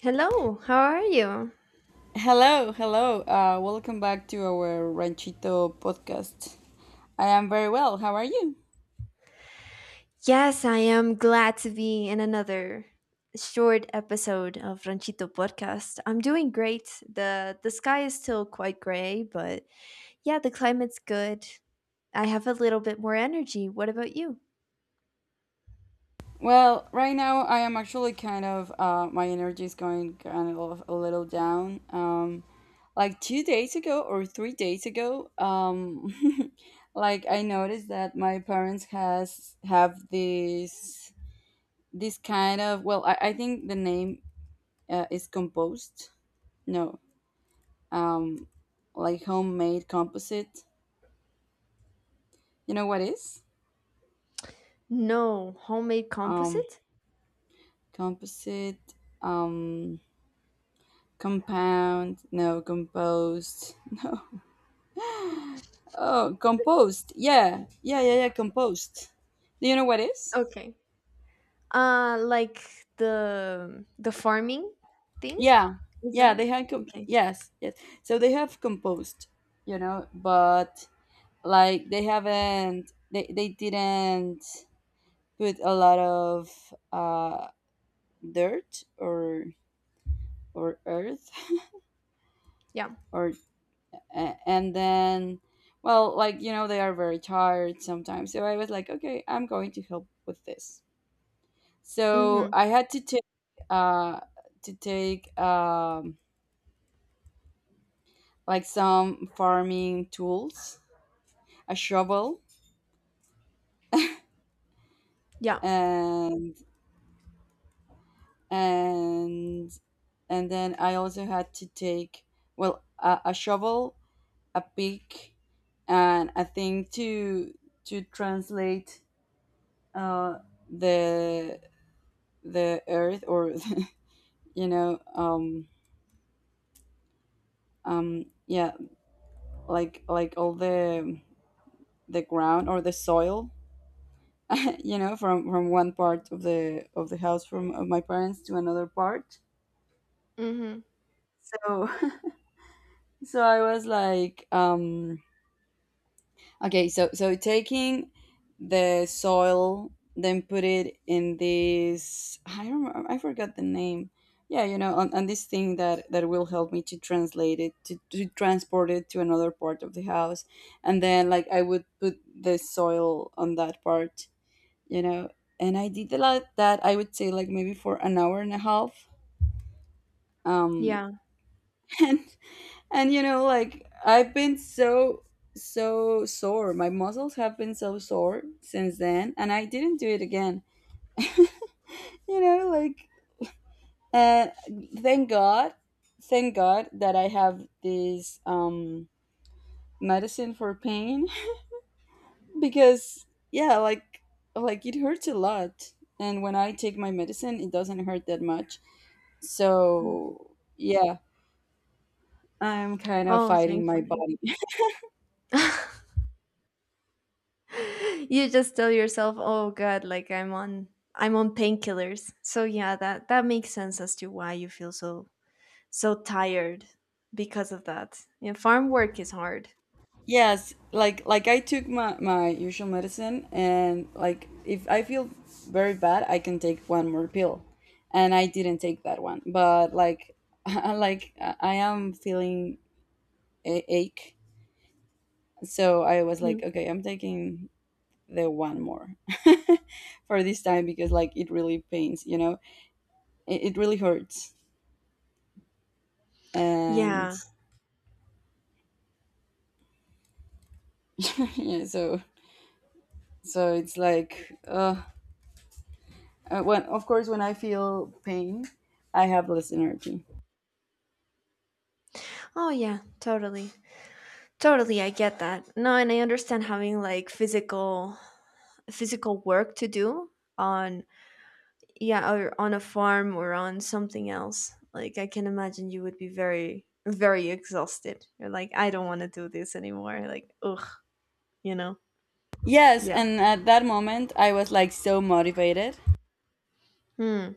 Hello, how are you? Hello, hello. Welcome back to our Ranchito podcast. I am very well. How are you? Yes, I am glad to be in another short episode of Ranchito Podcast. I'm doing great. The sky is still quite gray, but yeah, the climate's good. I have a little bit more energy. What about you? Well, right now I am actually my energy is going kind of a little down. Like 2 days ago or 3 days ago, like I noticed that my parents has have this kind of, well, I think the name is composed. No, um, like homemade composite. You know what is? No, homemade um composite? Composite, um compound, no, composed. Oh, composed. Yeah, yeah, yeah, yeah, composed. Do you know what is? Okay. Like the farming thing? Yeah, Is that yeah, it? they have Okay. yes, yes. So they have composed, you know but like they haven't they didn't put a lot of dirt or earth Yeah. or and then, well, they are very tired sometimes, so I was like, okay, I'm going to help with this. So Mhm. I had uh to take like some farming tools, a shovel. Yeah. And and and then I also had to take, well, a shovel, a pick, and a thing to to translate uh the the earth, or you know um yeah, like all the ground or the soil. From one part of the house, from of my parents, to another part. Mhm. So so I was like, okay, so taking the soil, then put it in this. I don't. I forgot the name. Yeah, on this thing that will help me to translate it to transport it to another part of the house, and then like I would put the soil on that part, you know, and I did a lot that I would say like maybe for an hour and a half, um, Yeah. And like I've been so so sore. My muscles have been so sore since then, and I didn't do it again. Like uh, thank God, thank God that I have this medicine for pain because yeah, like it hurts a lot. And when I take my medicine, it doesn't hurt that much. So yeah, I'm kind of Oh, fighting my thankfully. body. You just tell yourself, oh god, like I'm on, I'm on painkillers, so yeah, that makes sense as to why you feel so so tired because of that. Yeah, farm work is hard. Yes, like I took my usual medicine, and like if I feel very bad, I can take one more pill. And I didn't take that one, but like like I am feeling a ache, so I was like, Mm. okay, I'm taking the one more for this time, because like it really pains, you know? It really hurts. And Yeah. yeah, so it's like when, of course, when I feel pain, I have less energy. Oh yeah, totally, totally, I get that. No, and I understand having like physical work to do on, yeah, or on a farm or on something else. Like, I can imagine you would be very exhausted. You're like, I don't want to do this anymore, like, ugh, you know? Yes, Yeah. and at that moment, I was like so motivated. Hmm.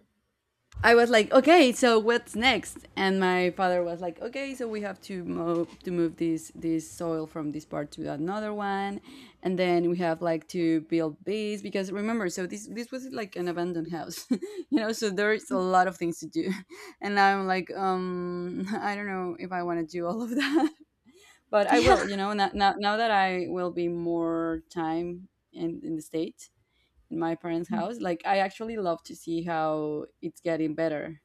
I was like, okay, so what's next? And my father was like, okay, so we have to move this soil from this part to another one, and then we have like to build this, because remember, so this was like an abandoned house, you know. So there's a lot of things to do, and I'm like, I don't know if I want to do all of that. But I Yeah. will, now that I will be more time in the States, in my parents' house. Like, I actually love to see how it's getting better.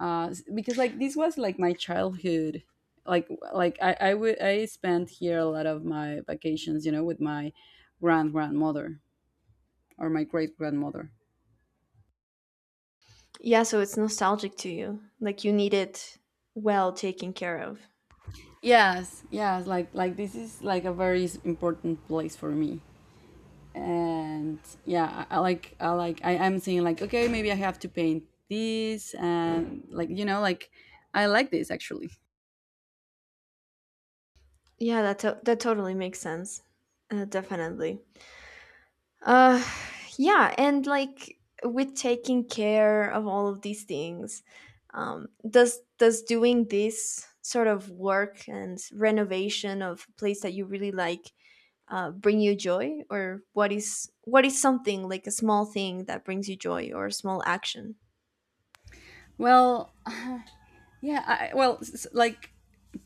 Because like this was like my childhood. Like, like, I spent here a lot of my vacations, with my grandmother or my great grandmother. Yeah, so it's nostalgic to you, like you need it well taken care of. Yes, yes, like this is like a very important place for me. And yeah, I like, I am saying like, okay, maybe I have to paint this, and like like I like this actually. Yeah, that that totally makes sense. Definitely. Uh, yeah, and like, with taking care of all of these things, does doing this sort of work and renovation of a place that you really like bring you joy, or what is, what is something like a small thing that brings you joy or a small action? Well, yeah, well like,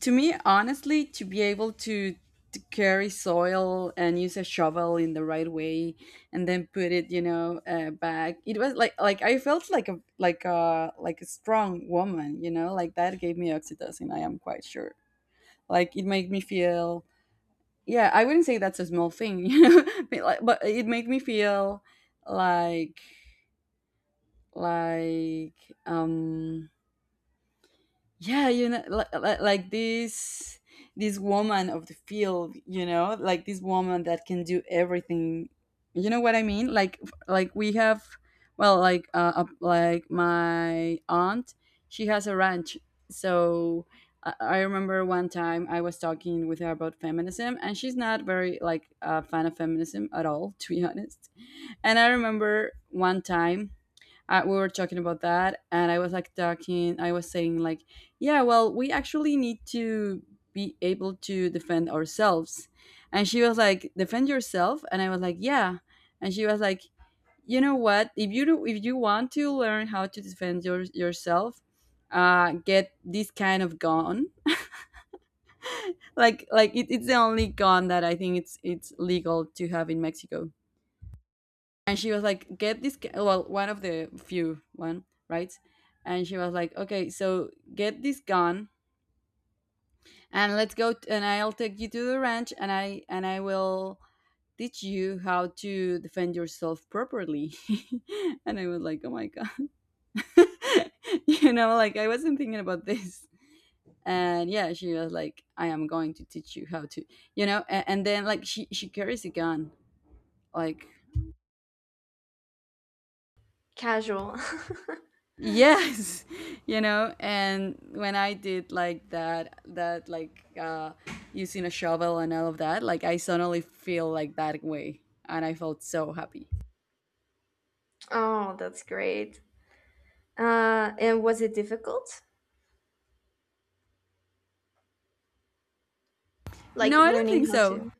to me honestly, to be able to carry soil and use a shovel in the right way, and then put it, back. It was like I felt like a, like a strong woman, like that gave me oxytocin, I am quite sure. Like, it made me feel, yeah, I wouldn't say that's a small thing you know. But but it made me feel like like um yeah, like this woman of the field, like this woman that can do everything. You know what I mean? Like we have, well, like, like my aunt, she has a ranch. So I remember one time I was talking with her about feminism, and she's not very like a fan of feminism at all, to be honest. And I remember one time we were talking about that, and I was saying like, yeah, well, we actually need to be able to defend ourselves. And she was like, defend yourself? And I was like, yeah. And she was like, you know what, if you want to learn how to defend yourself, get this kind of gun. Like, it's the only gun that I think it's legal to have in Mexico. And she was like, get this well, one of the few, one, right? And she was like, okay, so get this gun and let's and I'll take you to the ranch, and I will teach you how to defend yourself properly. And I was like, oh my god, like I wasn't thinking about this. And yeah, she was like, I am going to teach you how to, and then like she carries a gun, like, Casual. yes. And when I did like that, like, using a shovel and all of that, like I suddenly feel like that way, and I felt so happy. Oh, that's great. And was it difficult? Like No, I don't learning think how so. to.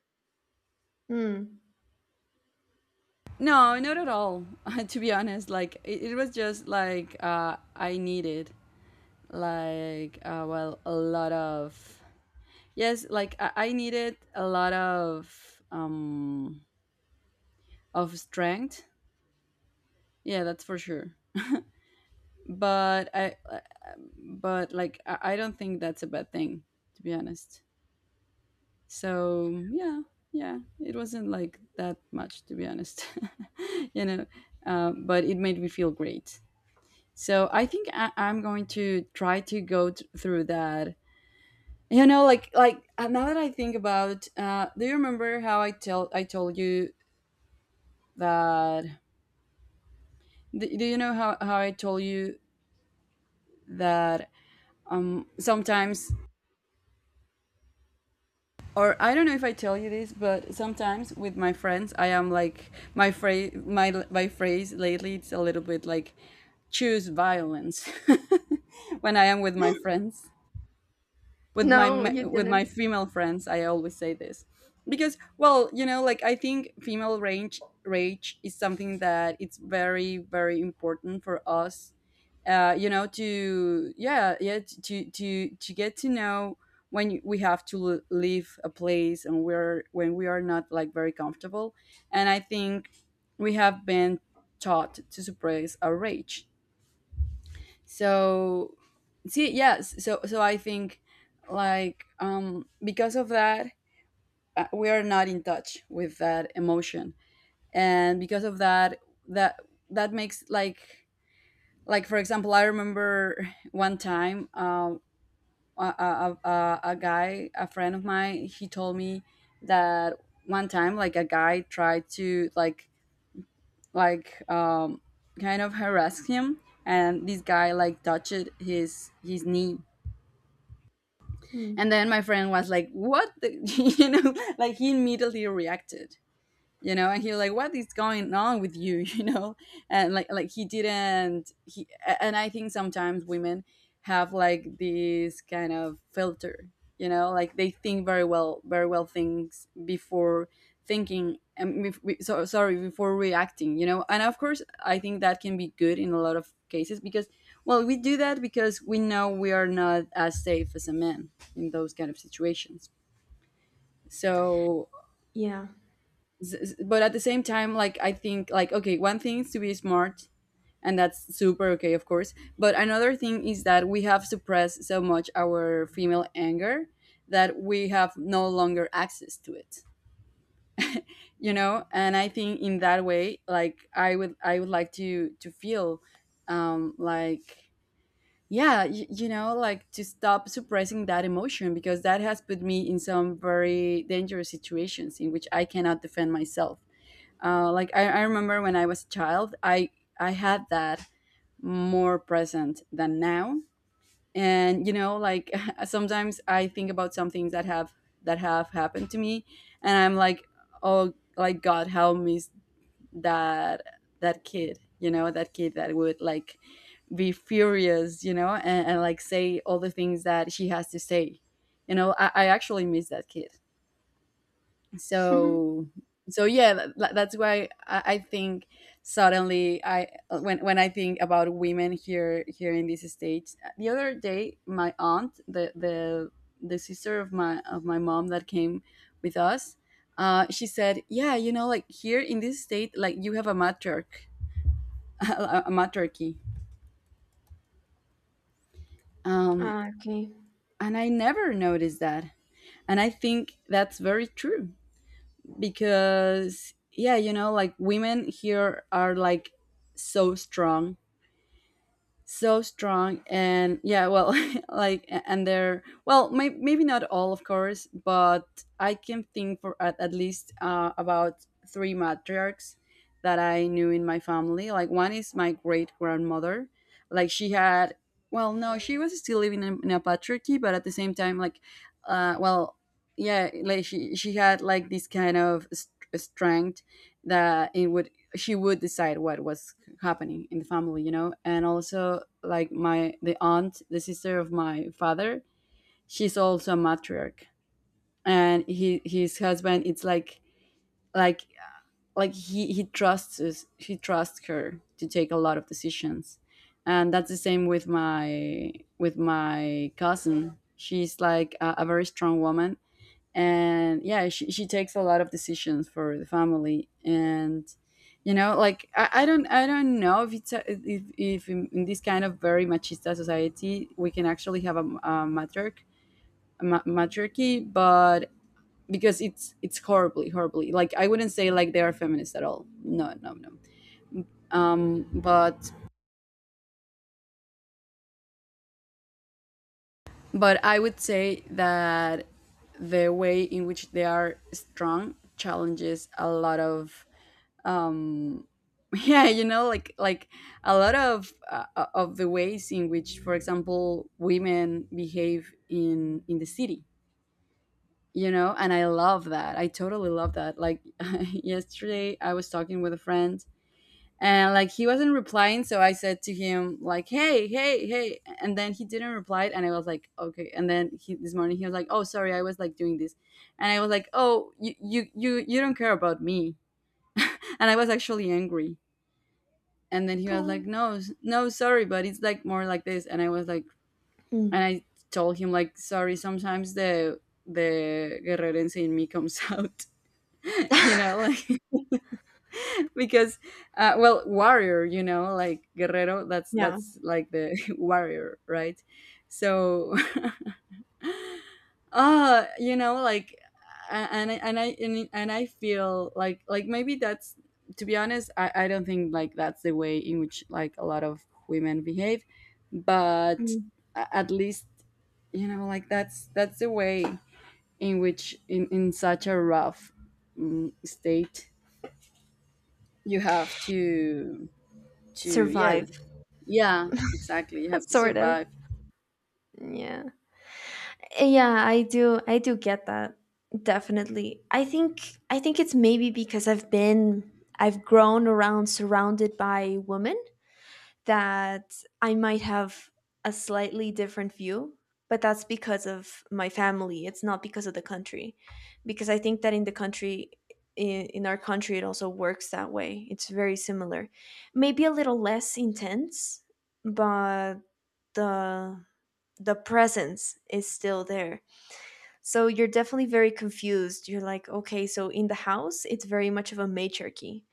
Hmm. No, not at all. To be honest, it was just like, I needed, like, well, a lot of, yes, like I needed a lot of strength, yeah, that's for sure. But I but like I, I don't think that's a bad thing, to be honest. So yeah, yeah, it wasn't like that much, to be honest. you know but it made me feel great. So I think, I'm going to try to through that. Like now that I think about, do you remember how I told you that? Do you know how I told you that, sometimes, or I don't know if I tell you this, but sometimes with my friends, I am like, my phrase lately, it's a little bit like, choose violence when I am with my friends. with my, No, my you with my didn't. female friends I always say this, because well, like, I think female rage is something that it's very, very important for us. To, yeah, yeah, to get to know when we have to leave a place, and we're when we are not like very comfortable. And I think we have been taught to suppress our rage. So, see, yes, so I think like, because of that, we are not in touch with that emotion. And because of that, that that makes like for example, I remember one time, a friend of mine, he told me that one time, like, a guy tried to like kind of harass him, and this guy like touched his knee. Hmm. And then my friend was like, "What?" You know, like he immediately reacted, and he was like, what is going on with you? And like he didn't he And I think sometimes women have like this kind of filter, like they think very well, very well, things before thinking, and so sorry, before reacting, and of course, I think that can be good in a lot of cases, because well, we do that because we know we are not as safe as a man in those kind of situations. So, Yeah. S- but at the same time, like, I think, like, okay, one thing is to be smart, and that's super okay, of course, but another thing is that we have suppressed so much our female anger, that we have no longer access to it. And I think in that way, like, I would like to feel like, yeah, like, to stop suppressing that emotion, because that has put me in some very dangerous situations, in which I cannot defend myself. Like I remember when I was a child, I had that more present than now. And you know, like sometimes I think about some things that have happened to me, and I'm like, oh, like God, how miss that that kid, you know, that kid that would like be furious, you know, and like say all the things that she has to say. You know, I actually miss that kid so so. Yeah, that's why I think suddenly I, when I think about women here in this state. The other day, my aunt, the sister of my mom, that came with us, she said, yeah, you know, like here in this state, like you have a matriarch, a matriarchy. um, Ah, okay. and I never noticed that, and I think that's very true, because yeah, you know, like women here are like so strong, so strong. And yeah, well, like and they're, well, maybe not all, of course, but I can think for at least, about three matriarchs that I knew in my family. Like, one is my great grandmother. Like, she had, well, no, she was still living in a patriarchy, but at the same time, like, well, yeah, like she had like this kind of strength that it would, she would decide what was happening in the family, you know. And also, like, my the aunt, the sister of my father, she's also a matriarch. And he, his husband, it's like, like he trusts us, he trusts her to take a lot of decisions. And that's the same with my, with my cousin. She's like a very strong woman, and yeah, she takes a lot of decisions for the family. And you know, like, I don't know if it's a, if in this kind of very machista society we can actually have a matriarch, a matriarchy. But, because it's horribly, horribly, like, I wouldn't say like they are feminists at all. No, no, no. But I would say that the way in which they are strong challenges a lot of, um yeah, you know, like, a lot of, of the ways in which, for example, women behave in the city. You know, and I love that, I totally love that. Like, yesterday I was talking with a friend, and like he wasn't replying, so I said to him, like, hey, hey, hey. And then he didn't reply, and I was like, okay. And then, this morning he was like, oh, sorry, I was like doing this. And I was like, oh, you don't care about me. And I was actually angry. And then he was Hmm. like, no, no, sorry, but it's like more like this. And I was like... Hmm. And I told him like, sorry, sometimes the guerrerense in me comes out. You know, like, because well, warrior, you know, like guerrero, that's Yeah. that's like the warrior, right? So you know, like, and I feel like, maybe that's, to be honest, I don't think like that's the way in which like a lot of women behave. But, Mm. At least, you know, like, that's the way in which, in such a rough, state, you have to, yeah. Survive. Yeah, exactly, you have to Sort of. survive. Yeah, yeah, I do, I do get that. Definitely. I think, I think it's maybe because I've been, I've grown around surrounded by women, that I might have a slightly different view, but that's because of my family. It's not because of the country, because I think that in the country, in our country, it also works that way. It's very similar, maybe a little less intense, but the the presence is still there, so you're definitely very confused. You're like, okay, so in the house, it's very much of a matriarchy.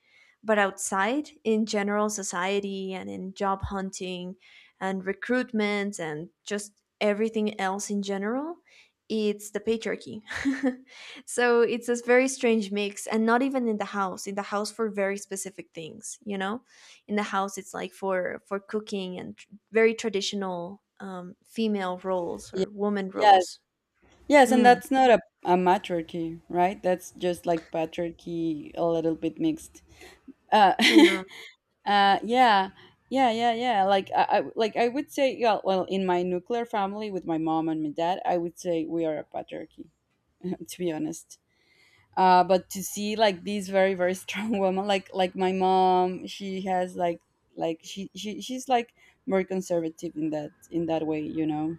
But outside, in general society and in job hunting and recruitment and just everything else in general, it's the patriarchy. So it's this very strange mix. And not even in the house for very specific things, you know? In the house, it's like for cooking and very traditional female roles Yes, or woman yes, roles. yes, and Hmm. that's not a matriarchy, right? That's just like patriarchy, a little bit mixed. Uh, Yeah. yeah, yeah, yeah, yeah. Like, like I would say, yeah. Well, in my nuclear family with my mom and my dad, I would say we are a patriarchy, to be honest. But, to see like these very, very strong women, like my mom, she has like, like she's like more conservative in that way, you know.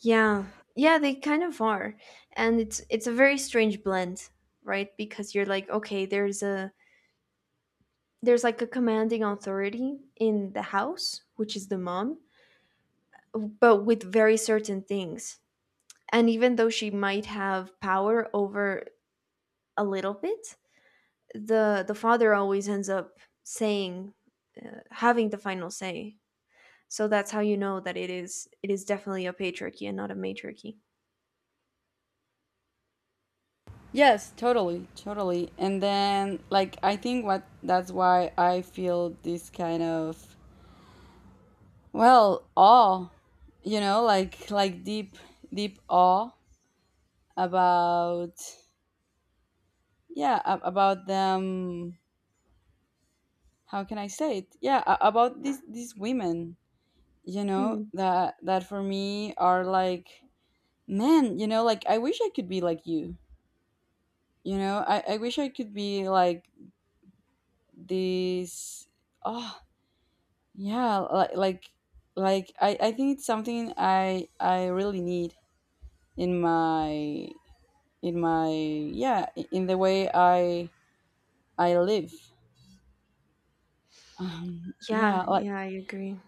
Yeah. Yeah, they kind of are. And it's a very strange blend, right? Because you're like, okay, there's a, there's like a commanding authority in the house, which is the mom, but with very certain things. And even though she might have power over a little bit, the father always ends up saying, having the final say. So that's how you know that it is, it is definitely a patriarchy and not a matriarchy. Yes, totally, totally. And then, like, I think what that's why I feel this kind of, well, awe, you know, like, deep, deep awe about, yeah, about them. How can I say it? Yeah, about these women, you know, Mm. that, for me, are like, man, you know, like, I wish I could be like you know, I wish I could be like this. Oh, yeah, like, like I think it's something I really need in my, in my yeah, in the way I live, yeah, Yeah, like, yeah, I agree.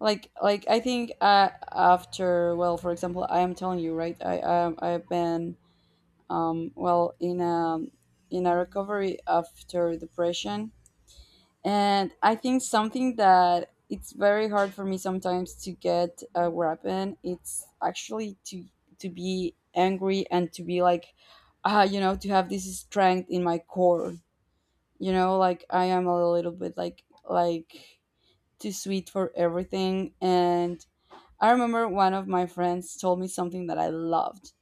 like I think, after, well, for example, I am telling you, right, I've been, well, in a recovery after depression. And I think something that it's very hard for me sometimes to get a weapon. It's actually to be angry and to be like, ah, you know, to have this strength in my core. You know, like, I am a little bit, like too sweet for everything. And I remember, one of my friends told me something that I loved,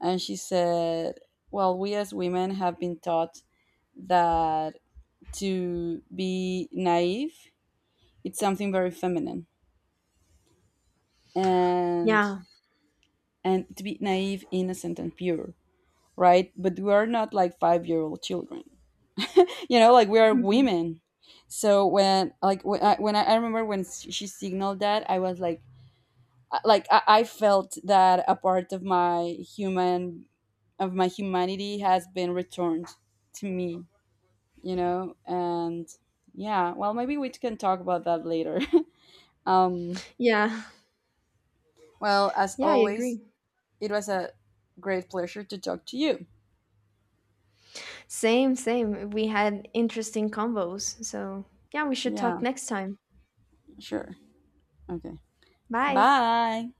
and she said, "Well, we as women have been taught that to be naive, it's something very feminine, and Yeah. and to be naive, innocent, and pure, right? But we are not like 5-year-old children. You know, like, we are women." So when, like when I remember when she signaled that, I was like, like I felt that a part of my human of my humanity has been returned to me. You know, and yeah, well, maybe we can talk about that later. um, Yeah. well, as Yeah, I always, agree. it was a great pleasure to talk to you. Same, same. We had interesting combos. So, yeah, we should Yeah, talk next time. sure. Okay. Bye. Bye.